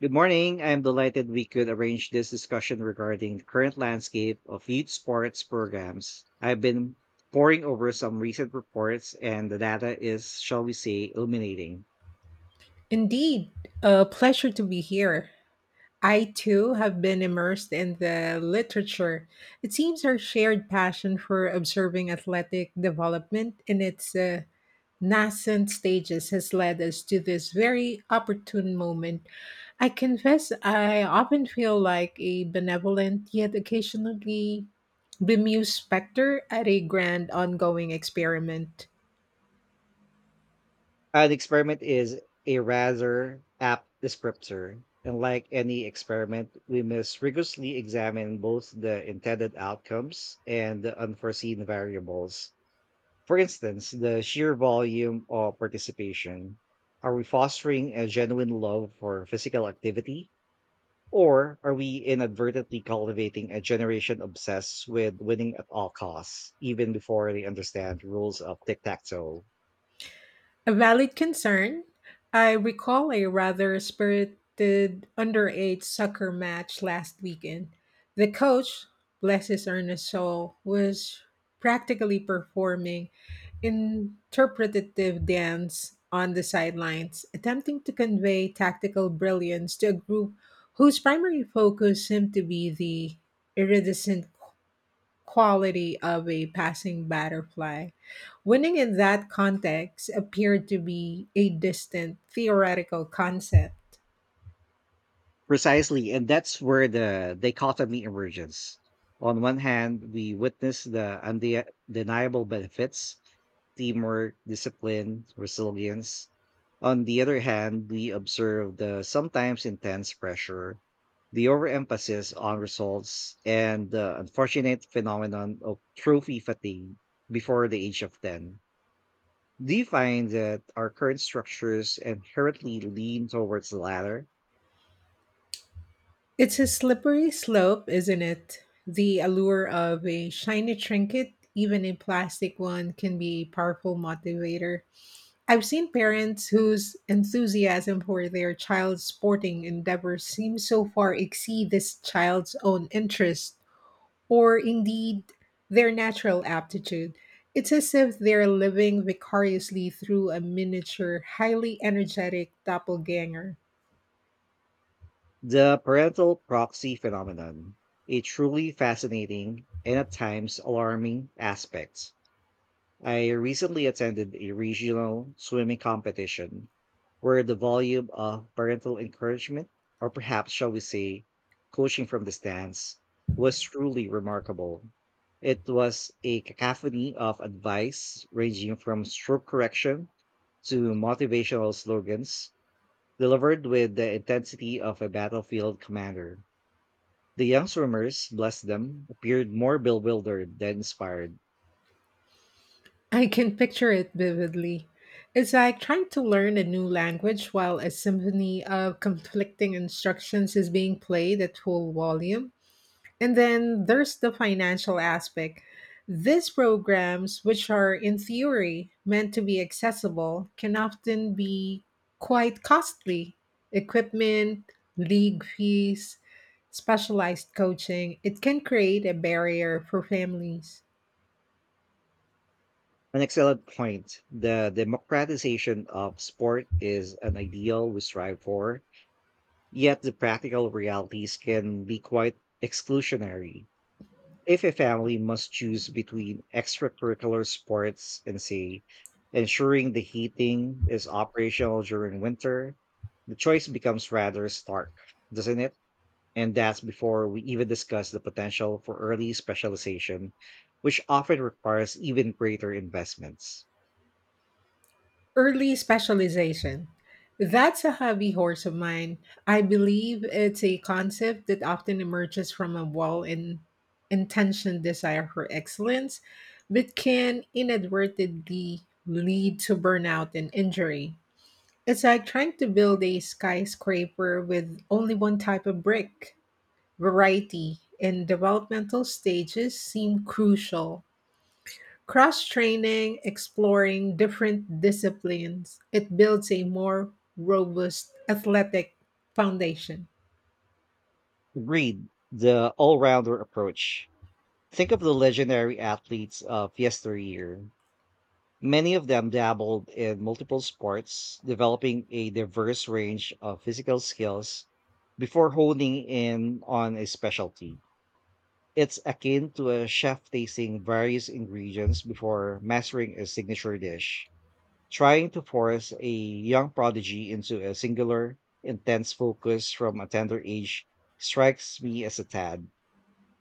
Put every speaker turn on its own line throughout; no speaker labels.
Good morning. I am delighted we could arrange this discussion regarding the current landscape of youth sports programs. I've been poring over some recent reports, and the data is, shall we say, illuminating.
Indeed, a pleasure to be here. I too have been immersed in the literature. It seems our shared passion for observing athletic development in its nascent stages has led us to this very opportune moment. I confess I often feel like a benevolent yet occasionally bemused specter at a grand ongoing experiment.
An experiment is a rather apt descriptor, and like any experiment, we must rigorously examine both the intended outcomes and the unforeseen variables. For instance, the sheer volume of participation. Are we fostering a genuine love for physical activity? Or are we inadvertently cultivating a generation obsessed with winning at all costs, even before they understand rules of tic tac toe?
A valid concern. I recall a rather spirited underage soccer match last weekend. The coach, bless his earnest soul, was practically performing interpretative dance on the sidelines, attempting to convey tactical brilliance to a group whose primary focus seemed to be the iridescent quality of a passing butterfly. Winning in that context appeared to be a distant theoretical concept.
Precisely, and that's where the dichotomy emerges. On one hand, we witness the undeniable benefits teamwork, discipline, resilience. On the other hand, we observe the sometimes intense pressure, the overemphasis on results, and the unfortunate phenomenon of trophy fatigue before the age of 10. Do you find that our current structures inherently lean towards the latter?
It's a slippery slope, isn't it? The allure of a shiny trinket, even a plastic one, can be a powerful motivator. I've seen parents whose enthusiasm for their child's sporting endeavors seems so far exceed this child's own interest or indeed their natural aptitude. It's as if they're living vicariously through a miniature, highly energetic doppelganger.
The parental proxy phenomenon, a truly fascinating and at times alarming aspect. I recently attended a regional swimming competition where the volume of parental encouragement, or perhaps shall we say, coaching from the stands, was truly remarkable. It was a cacophony of advice ranging from stroke correction to motivational slogans delivered with the intensity of a battlefield commander. The young swimmers, bless them, appeared more bewildered than inspired.
I can picture it vividly. It's like trying to learn a new language while a symphony of conflicting instructions is being played at full volume. And then there's the financial aspect. These programs, which are in theory meant to be accessible, can often be quite costly. Equipment, league fees, specialized coaching, it can create a barrier for families.
An excellent point. The democratization of sport is an ideal we strive for, yet the practical realities can be quite exclusionary. If a family must choose between extracurricular sports and, say, ensuring the heating is operational during winter, the choice becomes rather stark, doesn't it? And that's before we even discuss the potential for early specialization, which often requires even greater investments.
Early specialization. That's a hobby horse of mine. I believe it's a concept that often emerges from a well in intentioned desire for excellence, but can inadvertently lead to burnout and injury. It's like trying to build a skyscraper with only one type of brick. Variety in developmental stages seem crucial. Cross training, exploring different disciplines, it builds a more robust athletic foundation.
Agreed, the all rounder approach. Think of the legendary athletes of yesteryear. Many of them dabbled in multiple sports, developing a diverse range of physical skills before honing in on a specialty. It's akin to a chef tasting various ingredients before mastering a signature dish. Trying to force a young prodigy into a singular, intense focus from a tender age strikes me as a tad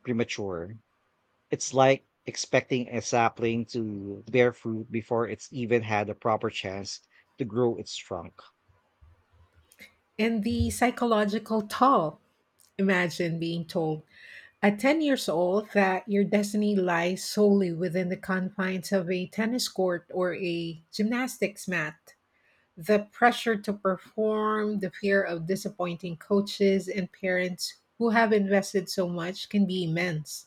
premature. It's like expecting a sapling to bear fruit before it's even had a proper chance to grow its trunk.
And the psychological toll. Imagine being told at 10 years old that your destiny lies solely within the confines of a tennis court or a gymnastics mat. The pressure to perform, the fear of disappointing coaches and parents who have invested so much can be immense.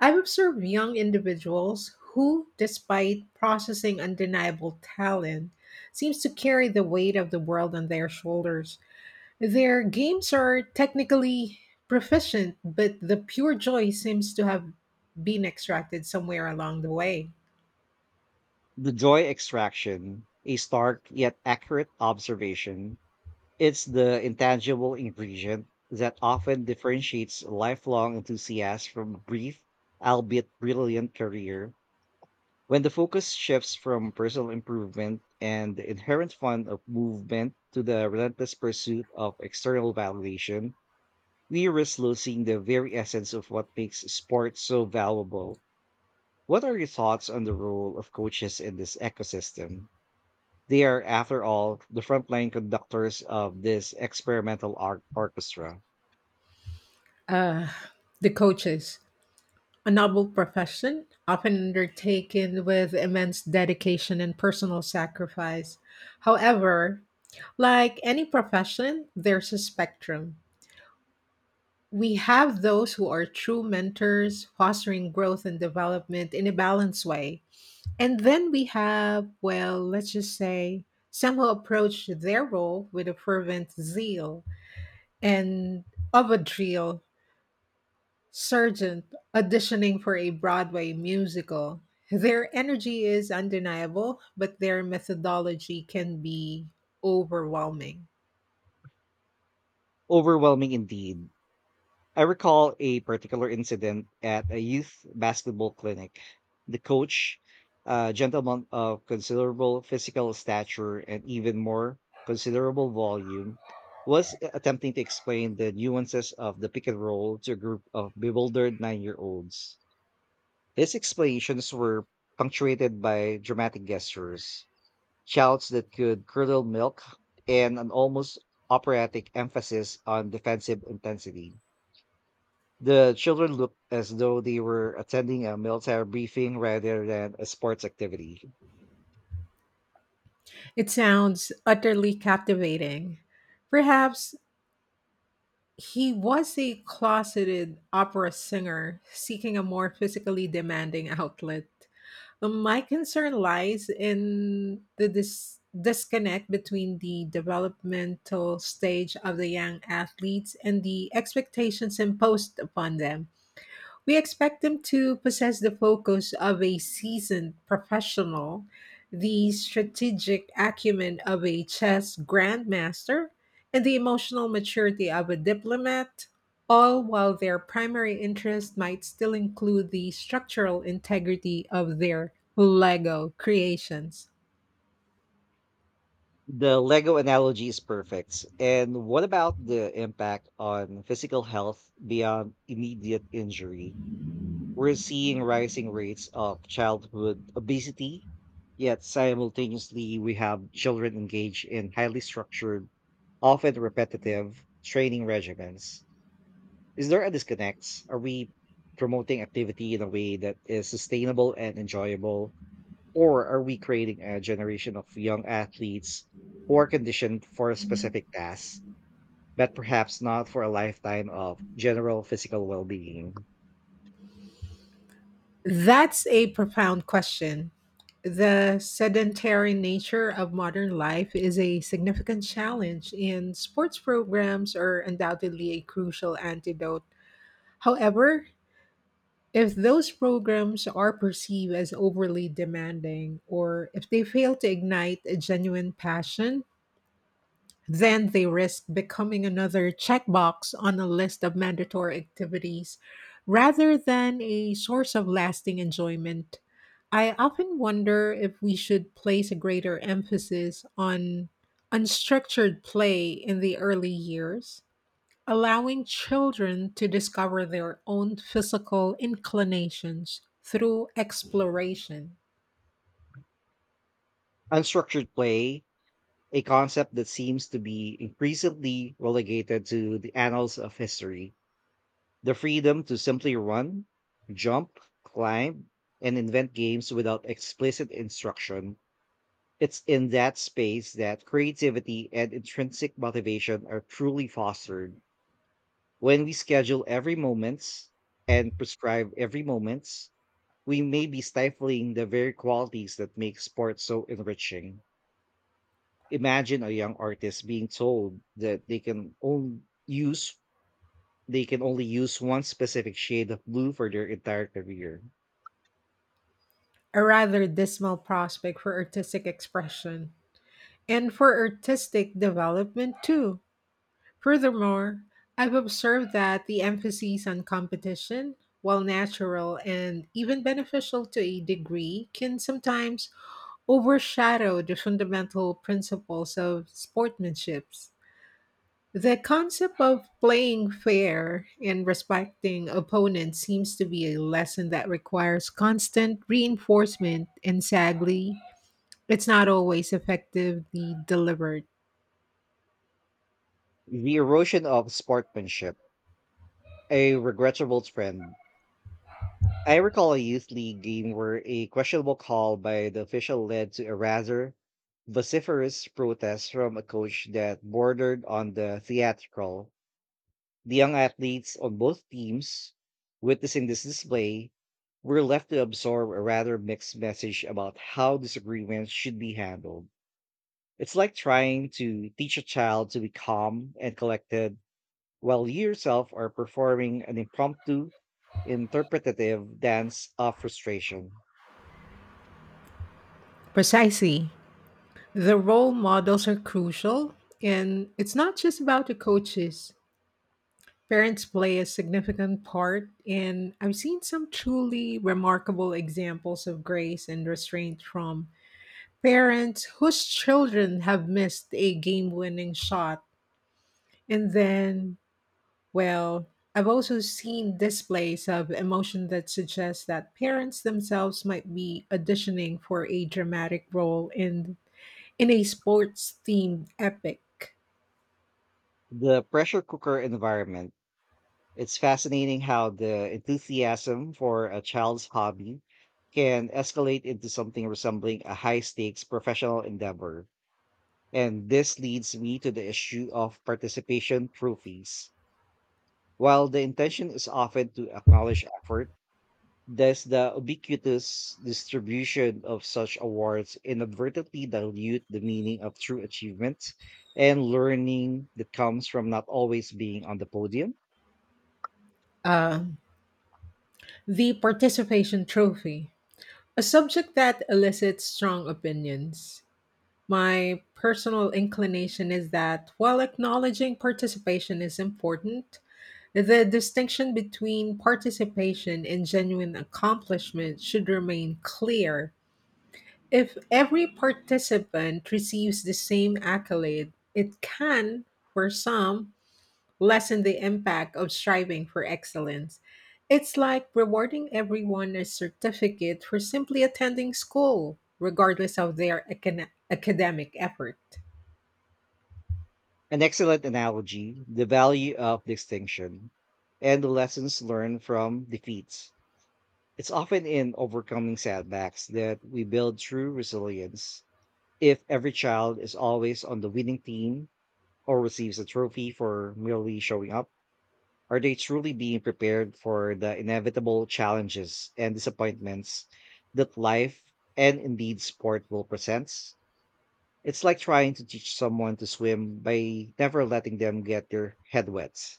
I've observed young individuals who, despite processing undeniable talent, seems to carry the weight of the world on their shoulders. Their games are technically proficient, but the pure joy seems to have been extracted somewhere along the way.
The joy extraction, a stark yet accurate observation, it's the intangible ingredient that often differentiates lifelong enthusiasts from a brief, albeit brilliant career. When the focus shifts from personal improvement and the inherent fun of movement to the relentless pursuit of external validation, we risk losing the very essence of what makes sports so valuable. What are your thoughts on the role of coaches in this ecosystem? They are, after all, the frontline conductors of this experimental art orchestra.
Uh, the coaches. A noble profession, often undertaken with immense dedication and personal sacrifice. However, like any profession, there's a spectrum. We have those who are true mentors, fostering growth and development in a balanced way. And then we have, well, let's just say, some who approach their role with a fervent zeal and of a drill Sargent auditioning for a Broadway musical. Their energy is undeniable, but their methodology can be overwhelming.
Overwhelming indeed. I recall a particular incident at a youth basketball clinic. The coach, a gentleman of considerable physical stature and even more considerable volume, was attempting to explain the nuances of the pick and roll to a group of bewildered 9 year olds. His explanations were punctuated by dramatic gestures, shouts that could curdle milk, and an almost operatic emphasis on defensive intensity. The children looked as though they were attending a military briefing rather than a sports activity.
It sounds utterly captivating. Perhaps he was a closeted opera singer seeking a more physically demanding outlet. My concern lies in the disconnect between the developmental stage of the young athletes and the expectations imposed upon them. We expect them to possess the focus of a seasoned professional, the strategic acumen of a chess grandmaster, and the emotional maturity of a diplomat, all while their primary interest might still include the structural integrity of their Lego creations.
The Lego analogy is perfect. And what about the impact on physical health beyond immediate injury? We're seeing rising rates of childhood obesity, yet simultaneously, we have children engaged in highly structured, often repetitive training regimens. Is there a disconnect? Are we promoting activity in a way that is sustainable and enjoyable? Or are we creating a generation of young athletes who are conditioned for a specific task, but perhaps not for a lifetime of general physical well being?
That's a profound question. The sedentary nature of modern life is a significant challenge, and sports programs are undoubtedly a crucial antidote. However, if those programs are perceived as overly demanding, or if they fail to ignite a genuine passion, then they risk becoming another checkbox on a list of mandatory activities rather than a source of lasting enjoyment. I often wonder if we should place a greater emphasis on unstructured play in the early years, allowing children to discover their own physical inclinations through exploration.
Unstructured play, a concept that seems to be increasingly relegated to the annals of history. The freedom to simply run, jump, climb, and invent games without explicit instruction. It's in that space that creativity and intrinsic motivation are truly fostered. When we schedule every moments and prescribe every moments, we may be stifling the very qualities that make sports so enriching. Imagine a young artist being told that use they can only use one specific shade of blue for their entire career.
A rather dismal prospect for artistic expression and for artistic development, too. Furthermore, I've observed that the emphasis on competition, while natural and even beneficial to a degree, can sometimes overshadow the fundamental principles of sportsmanship. The concept of playing fair and respecting opponents seems to be a lesson that requires constant reinforcement, and sadly, it's not always effectively delivered.
The erosion of sportsmanship, a regrettable trend. I recall a youth league game where a questionable call by the official led to a rather vociferous protest from a coach that bordered on the theatrical. The young athletes on both teams witnessing this display were left to absorb a rather mixed message about how disagreements should be handled. It's like trying to teach a child to be calm and collected while you yourself are performing an impromptu, interpretative dance of frustration.
Precisely. The role models are crucial, and it's not just about the coaches. Parents play a significant part, and I've seen some truly remarkable examples of grace and restraint from parents whose children have missed a game winning shot. And then, well, I've also seen displays of emotion that suggest that parents themselves might be auditioning for a dramatic role in a sports themed epic.
The pressure cooker environment. It's fascinating how the enthusiasm for a child's hobby can escalate into something resembling a high stakes professional endeavor. And this leads me to the issue of participation trophies. While the intention is often to acknowledge effort, does the ubiquitous distribution of such awards inadvertently dilute the meaning of true achievements and learning that comes from not always being on the podium?
Uh, the participation trophy. A subject that elicits strong opinions. My personal inclination is that while acknowledging participation is important, the distinction between participation and genuine accomplishment should remain clear. If every participant receives the same accolade, it can, for some, lessen the impact of striving for excellence. It's like rewarding everyone a certificate for simply attending school, regardless of their academic effort.
An excellent analogy, the value of distinction and the lessons learned from defeats. It's often in overcoming setbacks that we build true resilience. If every child is always on the winning team or receives a trophy for merely showing up, are they truly being prepared for the inevitable challenges and disappointments that life and indeed sport will present? It's like trying to teach someone to swim by never letting them get their head wet.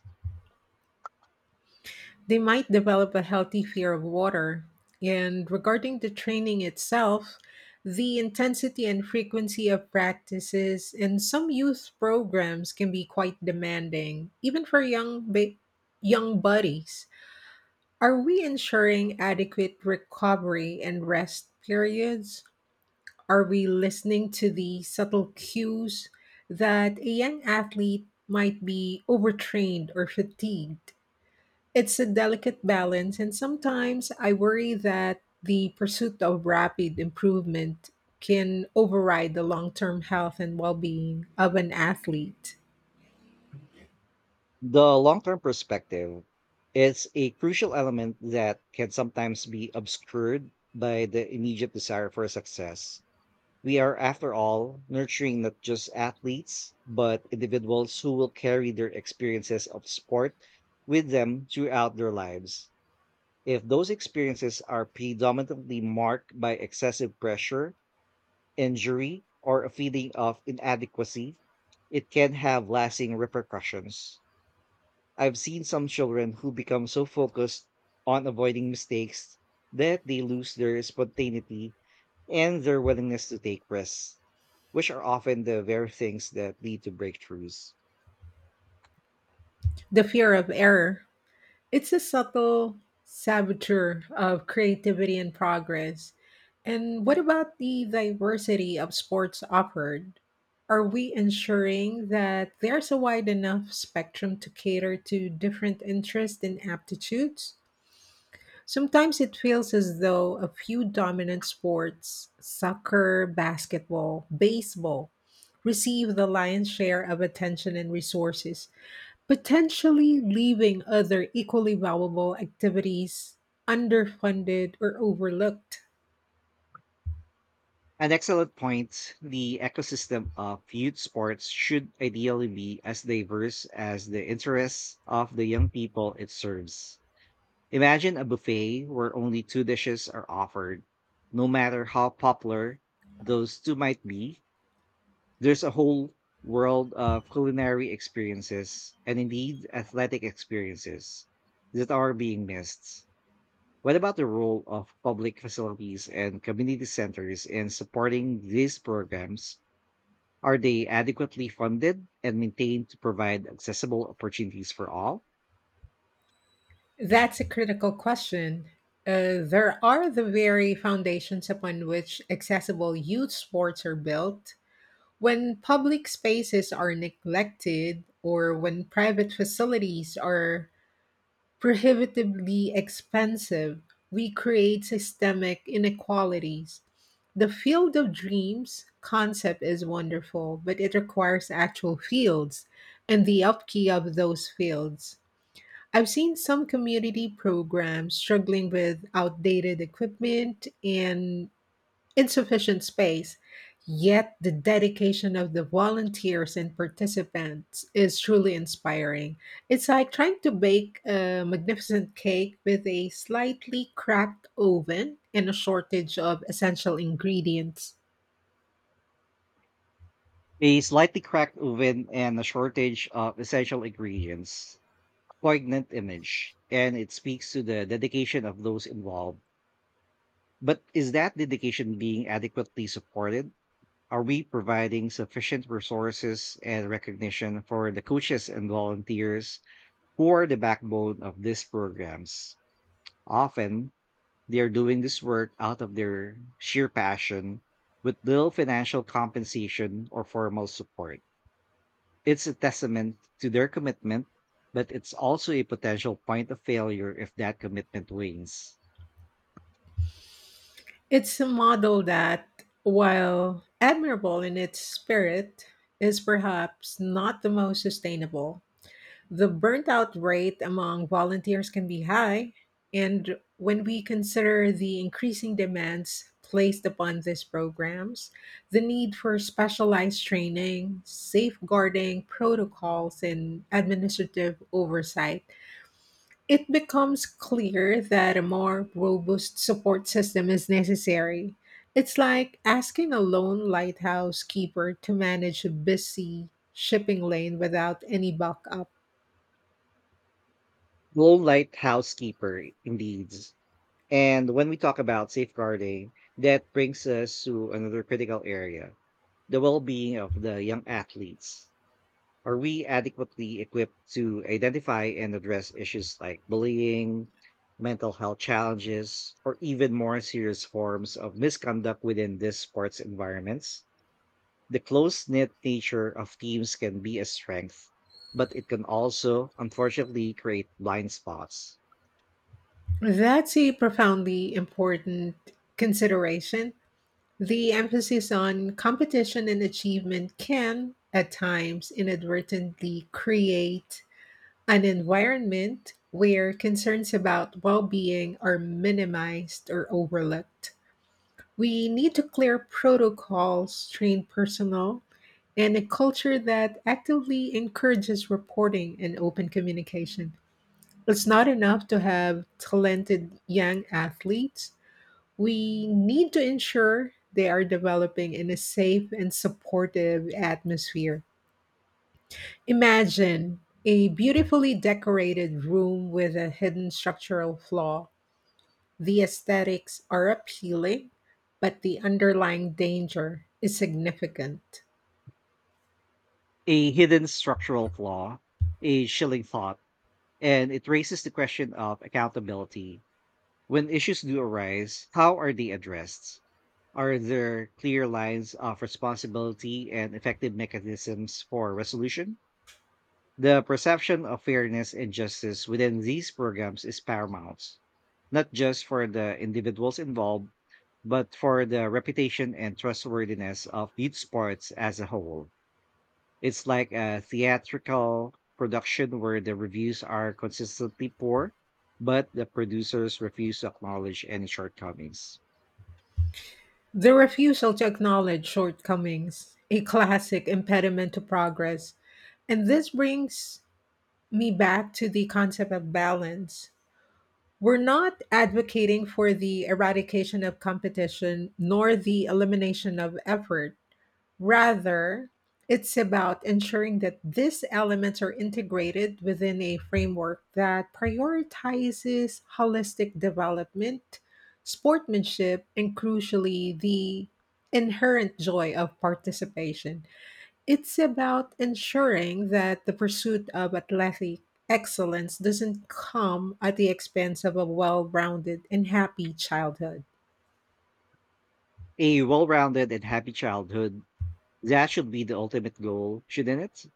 They might develop a healthy fear of water. And regarding the training itself, the intensity and frequency of practices in some youth programs can be quite demanding, even for young buddies. Are we ensuring adequate recovery and rest periods? Are we listening to the subtle cues that a young athlete might be overtrained or fatigued? It's a delicate balance, and sometimes I worry that the pursuit of rapid improvement can override the long term health and well being of an athlete.
The long term perspective is a crucial element that can sometimes be obscured by the immediate desire for success. We are, after all, nurturing not just athletes, but individuals who will carry their experiences of sport with them throughout their lives. If those experiences are predominantly marked by excessive pressure, injury, or a feeling of inadequacy, it can have lasting repercussions. I've seen some children who become so focused on avoiding mistakes that they lose their spontaneity and their willingness to take risks, which are often the very things that lead to breakthroughs.
The fear of error. It's a subtle saboteur of creativity and progress. And what about the diversity of sports offered? Are we ensuring that there's a wide enough spectrum to cater to different interests and aptitudes? Sometimes it feels as though a few dominant sports, soccer, basketball, baseball, receive the lion's share of attention and resources, potentially leaving other equally valuable activities underfunded or overlooked?
An excellent point. The ecosystem of youth sports should ideally be as diverse as the interests of the young people it serves. Imagine a buffet where only two dishes are offered. No matter how popular those two might be, there's a whole world of culinary experiences and indeed athletic experiences that are being missed. What about the role of public facilities and community centers in supporting these programs? Are they adequately funded and maintained to provide accessible opportunities for all?
That's a critical question. There are the very foundations upon which accessible youth sports are built. When public spaces are neglected or when private facilities are prohibitively expensive, we create systemic inequalities. The field of dreams concept is wonderful, but it requires actual fields and the upkeep of those fields. I've seen some community programs struggling with outdated equipment and insufficient space, yet the dedication of the volunteers and participants is truly inspiring. It's like trying to bake a magnificent cake with a slightly cracked oven and a shortage of essential ingredients.
A slightly cracked oven and a shortage of essential ingredients, poignant image, and it speaks to the dedication of those involved. But is that dedication being adequately supported? Are we providing sufficient resources and recognition for the coaches and volunteers who are the backbone of these programs? Often, they are doing this work out of their sheer passion with little financial compensation or formal support. It's a testament to their commitment, but it's also a potential point of failure if that commitment wanes.
It's a model that, while admirable in its spirit, is perhaps not the most sustainable. The burnt-out rate among volunteers can be high, and when we consider the increasing demands placed upon these programs, the need for specialized training, safeguarding protocols, and administrative oversight, it becomes clear that a more robust support system is necessary. It's like asking a lone lighthouse keeper to manage a busy shipping lane without any backup.
Low light housekeeper, indeed. And when we talk about safeguarding, that brings us to another critical area, the well being of the young athletes. Are we adequately equipped to identify and address issues like bullying, mental health challenges, or even more serious forms of misconduct within these sports environments? The close knit nature of teams can be a strength, but it can also, unfortunately, create blind spots,
That's a profoundly important consideration. The emphasis on competition and achievement can, at times, inadvertently create an environment where concerns about well being are minimized or overlooked. We need to clear protocols, train personnel, and a culture that actively encourages reporting and open communication. It's not enough to have talented young athletes. We need to ensure they are developing in a safe and supportive atmosphere. Imagine a beautifully decorated room with a hidden structural flaw. The aesthetics are appealing, but the underlying danger is significant.
a hidden structural flaw, a chilling thought, and it raises the question of accountability. When issues do arise, how are they addressed? Are there clear lines of responsibility and effective mechanisms for resolution? The perception of fairness and justice within these programs is paramount, not just for the individuals involved, but for the reputation and trustworthiness of youth sports as a whole. It's like a theatrical production where the reviews are consistently poor, but the producers refuse to acknowledge any shortcomings.
The refusal to acknowledge shortcomings, a classic impediment to progress. And this brings me back to the concept of balance. We're not advocating for the eradication of competition nor the elimination of effort. Rather, it's about ensuring that these elements are integrated within a framework that prioritizes holistic development, sportsmanship, and crucially, the inherent joy of participation. It's about ensuring that the pursuit of athletic excellence doesn't come at the expense of a well rounded and happy childhood.
A well rounded and happy childhood. That should be the ultimate goal, shouldn't it?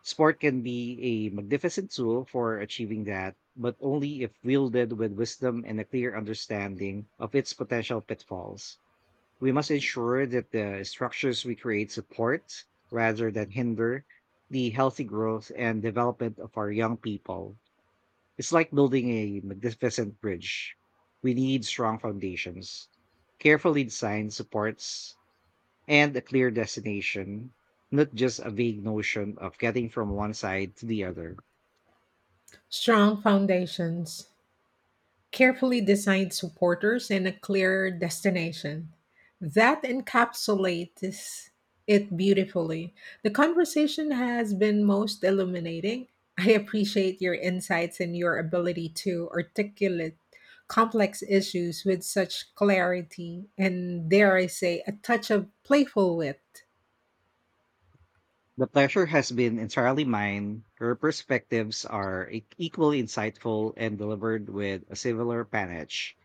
Sport can be a magnificent tool for achieving that, but only if wielded with wisdom and a clear understanding of its potential pitfalls. We must ensure that the structures we create support rather than hinder the healthy growth and development of our young people. It's like building a magnificent bridge. We need strong foundations, carefully designed supports and a clear destination, not just a vague notion of getting from one side to the other.
Strong foundations, carefully designed supporters and a clear destination. That encapsulates it beautifully. The conversation has been most illuminating. I appreciate your insights and your ability to articulate complex issues with such clarity and, dare I say, a touch of playful wit.
The pleasure has been entirely mine. Her perspectives are equally insightful and delivered with a similar panache.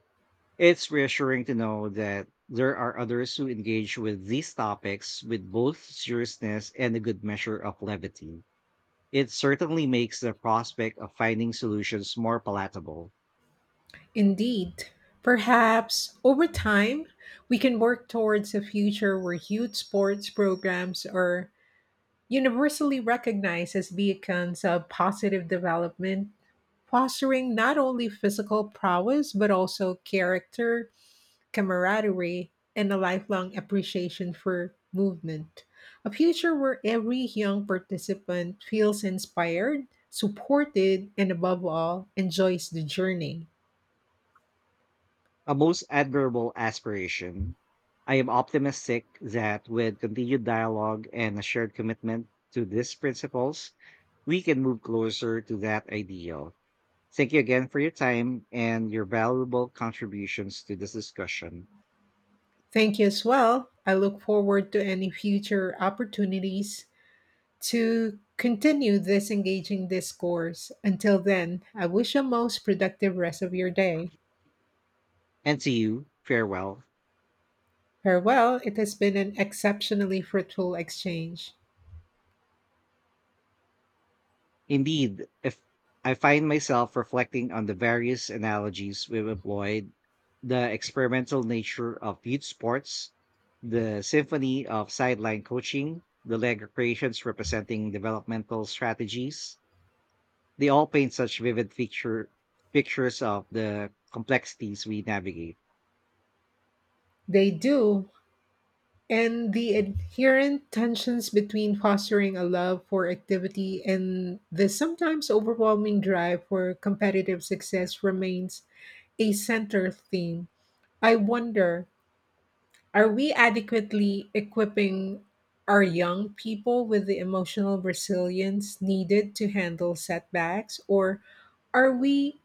It's reassuring to know that there are others who engage with these topics with both seriousness and a good measure of levity. It certainly makes the prospect of finding solutions more palatable.
Indeed, perhaps over time, we can work towards a future where youth sports programs are universally recognized as beacons of positive development, fostering not only physical prowess but also character, camaraderie, and a lifelong appreciation for movement. A future where every young participant feels inspired, supported, and above all, enjoys the journey.
A most admirable aspiration. I am optimistic that with continued dialogue and a shared commitment to these principles, we can move closer to that ideal. Thank you again for your time and your valuable contributions to this discussion.
Thank you as well. I look forward to any future opportunities to continue this engaging discourse. Until then, I wish you a most productive rest of your day.
And to you, farewell.
Farewell. It has been an exceptionally fruitful exchange.
Indeed, if I find myself reflecting on the various analogies we've employed, the experimental nature of youth sports, the symphony of sideline coaching, the leg creations representing developmental strategies, they all paint pictures of the complexities we navigate.
They do. And the inherent tensions between fostering a love for activity and the sometimes overwhelming drive for competitive success remains a center theme. I wonder, are we adequately equipping our young people with the emotional resilience needed to handle setbacks, or are we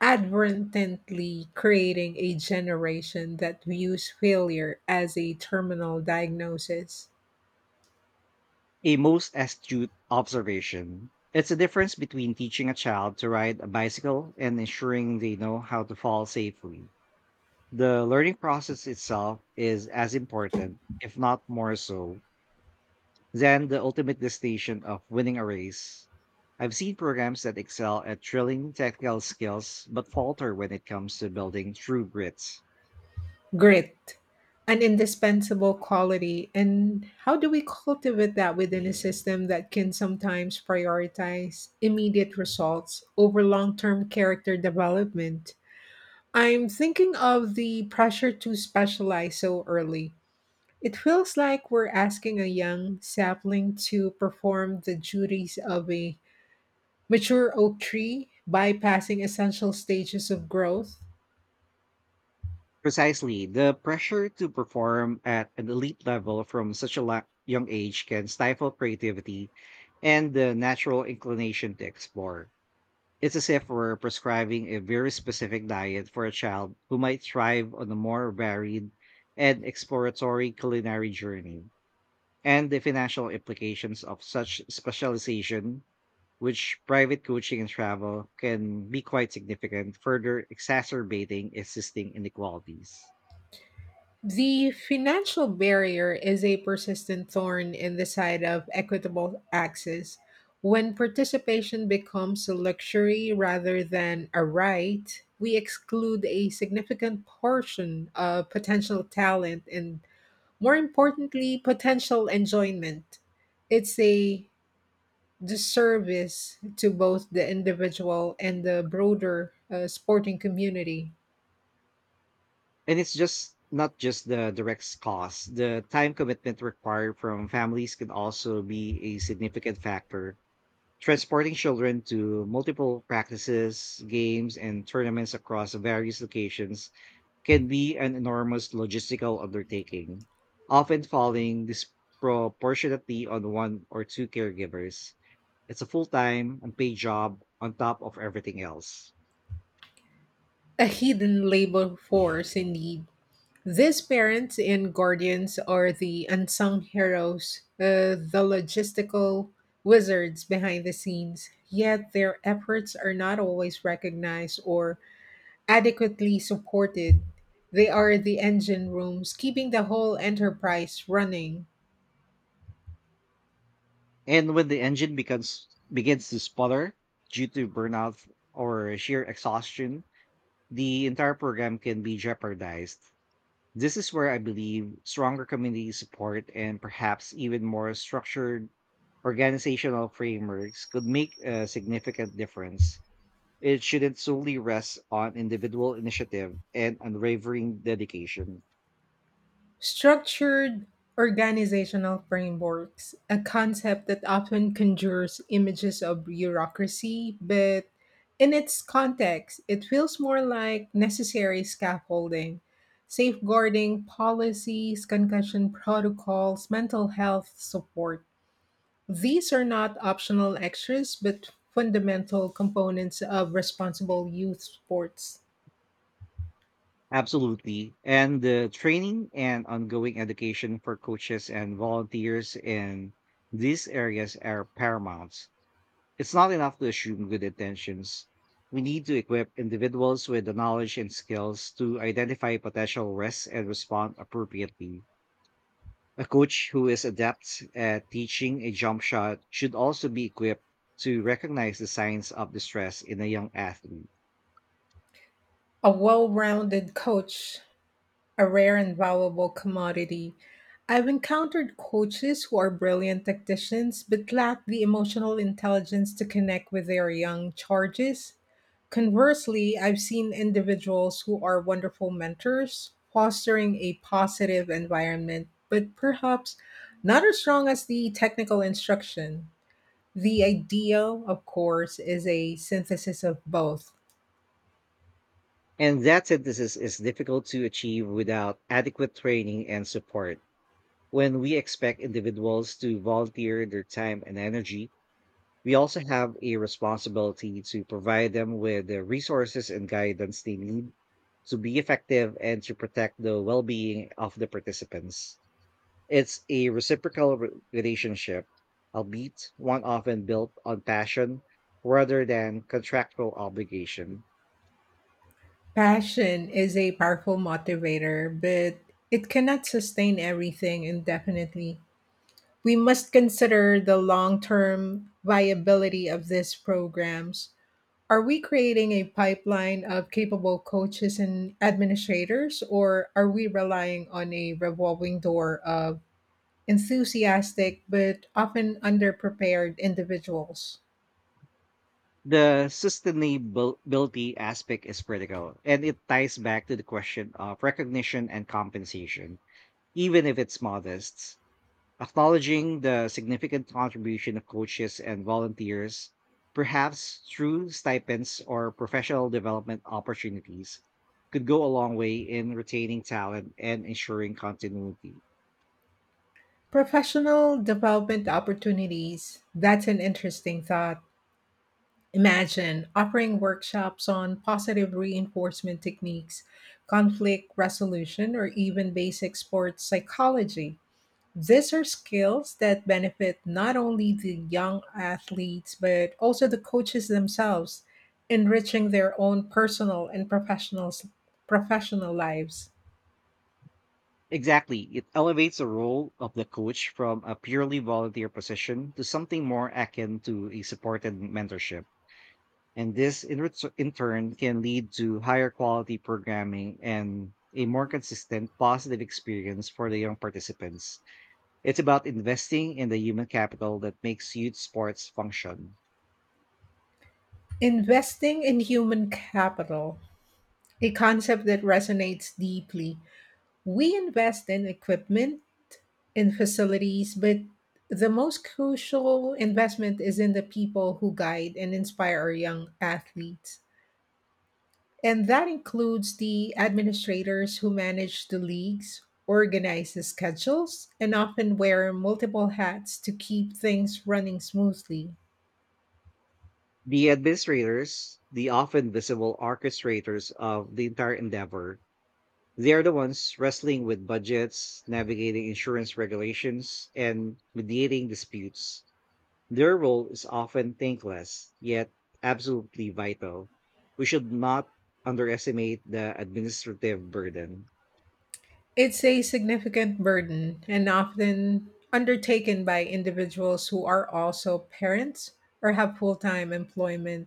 inadvertently creating a generation that views failure as a terminal diagnosis?
A most astute observation. It's a difference between teaching a child to ride a bicycle and ensuring they know how to fall safely. The learning process itself is as important, if not more so, than the ultimate destination of winning a race. I've seen programs that excel at drilling technical skills but falter when it comes to building true grit.
Grit, an indispensable quality, and how do we cultivate that within a system that can sometimes prioritize immediate results over long term character development? I'm thinking of the pressure to specialize so early. It feels like we're asking a young sapling to perform the duties of a mature oak tree, bypassing essential stages of growth.
Precisely, the pressure to perform at an elite level from young age can stifle creativity and the natural inclination to explore. It's as if we're prescribing a very specific diet for a child who might thrive on a more varied and exploratory culinary journey. And the financial implications of such specialization, which private coaching and travel can be quite significant, further exacerbating existing inequalities.
The financial barrier is a persistent thorn in the side of equitable access. When participation becomes a luxury rather than a right, we exclude a significant portion of potential talent and, more importantly, potential enjoyment. It's a disservice to both the individual and the broader sporting community.
And it's just not just the direct cost, the time commitment required from families can also be a significant factor transporting children to multiple practices, games, and tournaments across various locations can be an enormous logistical undertaking, often falling disproportionately on one or two caregivers. It's a full time, unpaid job on top of everything else.
A hidden labor force, indeed. These parents and guardians are the unsung heroes, the logistical wizards behind the scenes, yet their efforts are not always recognized or adequately supported. They are the engine rooms keeping the whole enterprise running.
And when the engine becomes begins to sputter due to burnout or sheer exhaustion, the entire program can be jeopardized. This is where I believe stronger community support and perhaps even more structured organizational frameworks could make a significant difference. It shouldn't solely rest on individual initiative and unwavering dedication.
Structured organizational frameworks, a concept that often conjures images of bureaucracy, but in its context, it feels more like necessary scaffolding, safeguarding policies, concussion protocols, mental health support. These are not optional extras, but fundamental components of responsible youth sports.
Absolutely. And the training and ongoing education for coaches and volunteers in these areas are paramount. It's not enough to assume good intentions. We need to equip individuals with the knowledge and skills to identify potential risks and respond appropriately. A coach who is adept at teaching a jump shot should also be equipped to recognize the signs of distress in a young athlete.
A well rounded coach, a rare and valuable commodity. I've encountered coaches who are brilliant tacticians but lack the emotional intelligence to connect with their young charges. Conversely, I've seen individuals who are wonderful mentors, fostering a positive environment, but perhaps not as strong as the technical instruction. The idea, of course, is a synthesis of both.
And that synthesis is difficult to achieve without adequate training and support. When we expect individuals to volunteer their time and energy, we also have a responsibility to provide them with the resources and guidance they need to be effective and to protect the well being of the participants. It's a reciprocal relationship, albeit one often built on passion rather than contractual obligation.
Passion is a powerful motivator, but it cannot sustain everything indefinitely. We must consider the long term viability of these programs. Are we creating a pipeline of capable coaches and administrators, or are we relying on a revolving door of enthusiastic but often underprepared individuals?
The sustainability aspect is critical, and it ties back to the question of recognition and compensation, even if it's modest. Acknowledging the significant contribution of coaches and volunteers, perhaps through stipends or professional development opportunities, could go a long way in retaining talent and ensuring continuity.
Professional development opportunities. That's an interesting thought. Imagine offering workshops on positive reinforcement techniques, conflict resolution, or even basic sports psychology. These are skills that benefit not only the young athletes, but also the coaches themselves, enriching their own personal and professional lives.
Exactly. It elevates the role of the coach from a purely volunteer position to something more akin to a supported mentorship. And this, in turn, can lead to higher quality programming and a more consistent positive experience for the young participants. It's about investing in the human capital that makes youth sports function.
Investing in human capital, a concept that resonates deeply. We invest in equipment, in facilities, but the most crucial investment is in the people who guide and inspire our young athletes. And that includes the administrators who manage the leagues, organize the schedules, and often wear multiple hats to keep things running smoothly.
The administrators, the often visible orchestrators of the entire endeavor, they are the ones wrestling with budgets, navigating insurance regulations, and mediating disputes. Their role is often thankless, yet absolutely vital. We should not underestimate the administrative burden.
It's a significant burden and often undertaken by individuals who are also parents or have full time employment.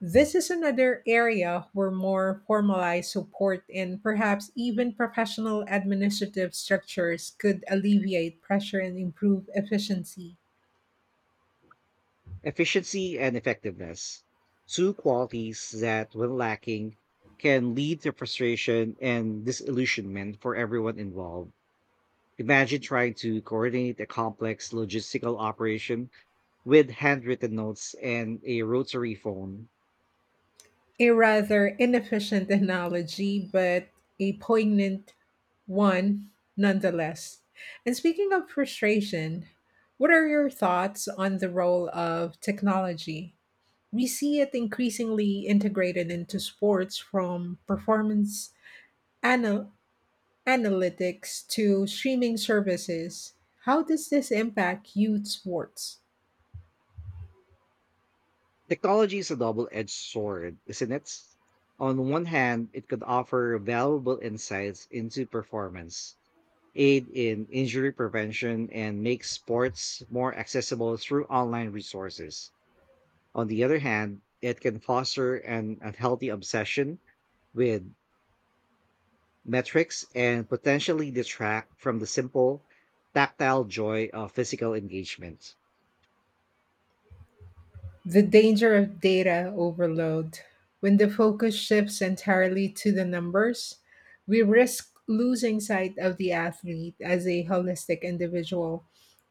This is another area where more formalized support and perhaps even professional administrative structures could alleviate pressure and improve efficiency.
Efficiency and effectiveness, two qualities that, when lacking, can lead to frustration and disillusionment for everyone involved. Imagine trying to coordinate a complex logistical operation with handwritten notes and a rotary phone.
A rather inefficient analogy, but a poignant one nonetheless. And speaking of frustration, what are your thoughts on the role of technology? We see it increasingly integrated into sports, from performance anal- analytics to streaming services. How does this impact youth sports?
Technology is a double edged sword, isn't it? On one hand, it could offer valuable insights into performance, aid in injury prevention, and make sports more accessible through online resources. On the other hand, it can foster an unhealthy obsession with metrics and potentially detract from the simple, tactile joy of physical engagement.
The danger of data overload. When the focus shifts entirely to the numbers, we risk losing sight of the athlete as a holistic individual.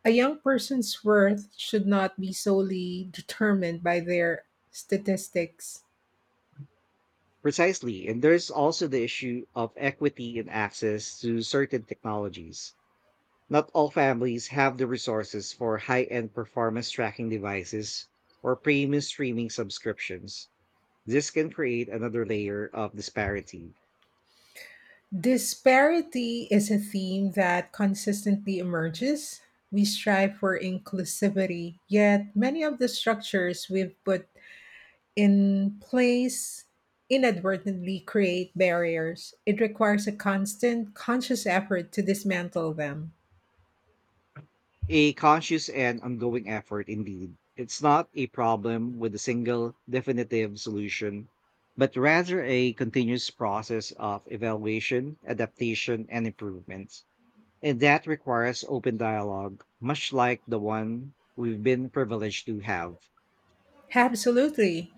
A young person's worth should not be solely determined by their statistics.
Precisely. And there's also the issue of equity and access to certain technologies. Not all families have the resources for high end performance tracking devices or premium streaming subscriptions. This can create another layer of disparity.
Disparity is a theme that consistently emerges. We strive for inclusivity, yet many of the structures we've put in place inadvertently create barriers. It requires a constant, conscious effort to dismantle them.
A conscious and ongoing effort, indeed. It's not a problem with a single definitive solution, but rather a continuous process of evaluation, adaptation, and improvement. And that requires open dialogue, much like the one we've been privileged to have.
Absolutely.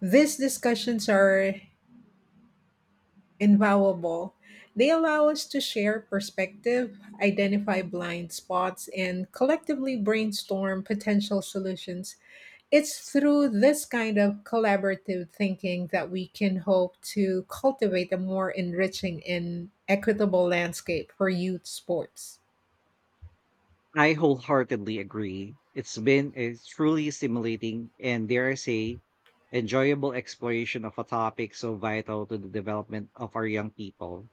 These discussions are invaluable. They allow us to share perspective, identify blind spots, and collectively brainstorm potential solutions. It's through this kind of collaborative thinking that we can hope to cultivate a more enriching and equitable landscape for youth sports.
I wholeheartedly agree. It's been a truly stimulating and, dare I say, enjoyable exploration of a topic so vital to the development of our young people.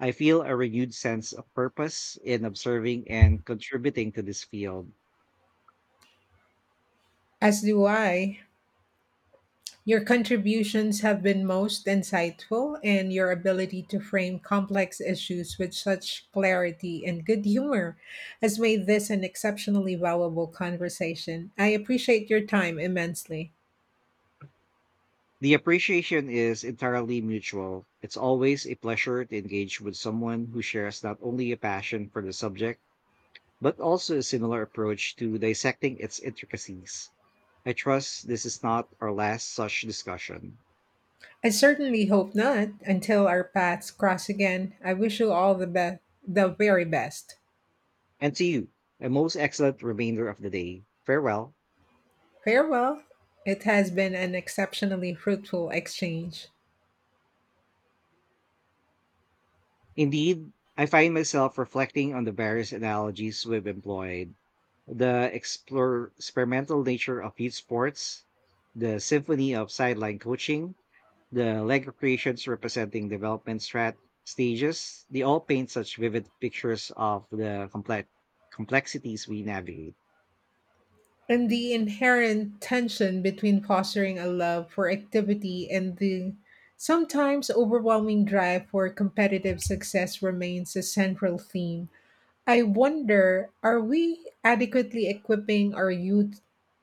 I feel a renewed sense of purpose in observing and contributing to this field.
As do I. Your contributions have been most insightful, and your ability to frame complex issues with such clarity and good humor has made this an exceptionally valuable conversation. I appreciate your time immensely.
The appreciation is entirely mutual. It's always a pleasure to engage with someone who shares not only a passion for the subject, but also a similar approach to dissecting its intricacies. I trust this is not our last such discussion.
I certainly hope not. Until our paths cross again, I wish you all the best, the very best.
And to you, a most excellent remainder of the day. Farewell.
Farewell. It has been an exceptionally fruitful exchange.
Indeed, I find myself reflecting on the various analogies we've employed, experimental nature of youth sports, the symphony of sideline coaching, the Lego creations representing development strat- stages. They all paint such vivid pictures of the complexities we navigate.
And the inherent tension between fostering a love for activity and the sometimes overwhelming drive for competitive success remains a central theme. I wonder, are we adequately equipping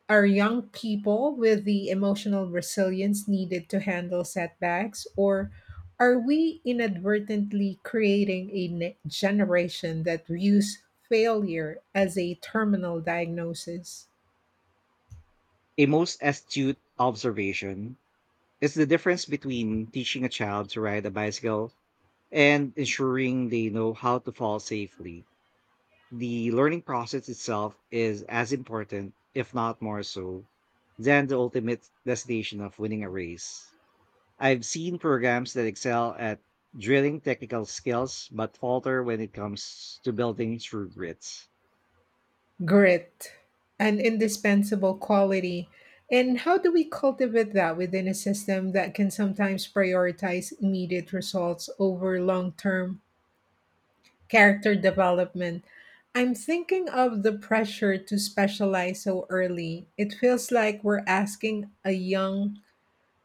our young people with the emotional resilience needed to handle setbacks? Or are we inadvertently creating a generation that views failure as a terminal diagnosis?
A most astute observation is the difference between teaching a child to ride a bicycle and ensuring they know how to fall safely. The learning process itself is as important, if not more so, than the ultimate destination of winning a race. I've seen programs that excel at drilling technical skills but falter when it comes to building true grit.
Grit, an indispensable quality. And how do we cultivate that within a system that can sometimes prioritize immediate results over long term character development? I'm thinking of the pressure to specialize so early. It feels like we're asking a young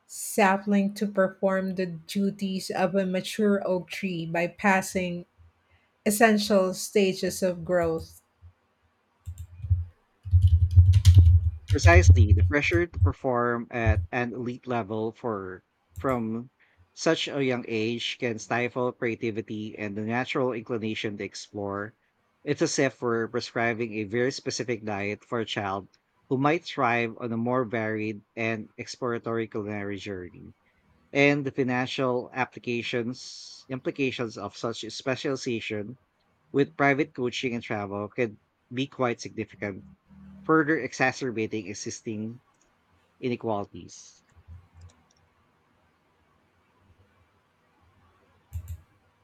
sapling to perform the duties of a mature oak tree, by passing essential stages of growth.
Precisely, the pressure to perform at an elite level for from such a young age can stifle creativity and the natural inclination to explore. It's as if we're prescribing a very specific diet for a child who might thrive on a more varied and exploratory culinary journey. And the financial applications implications of such specialization with private coaching and travel can be quite significant, further exacerbating existing inequalities.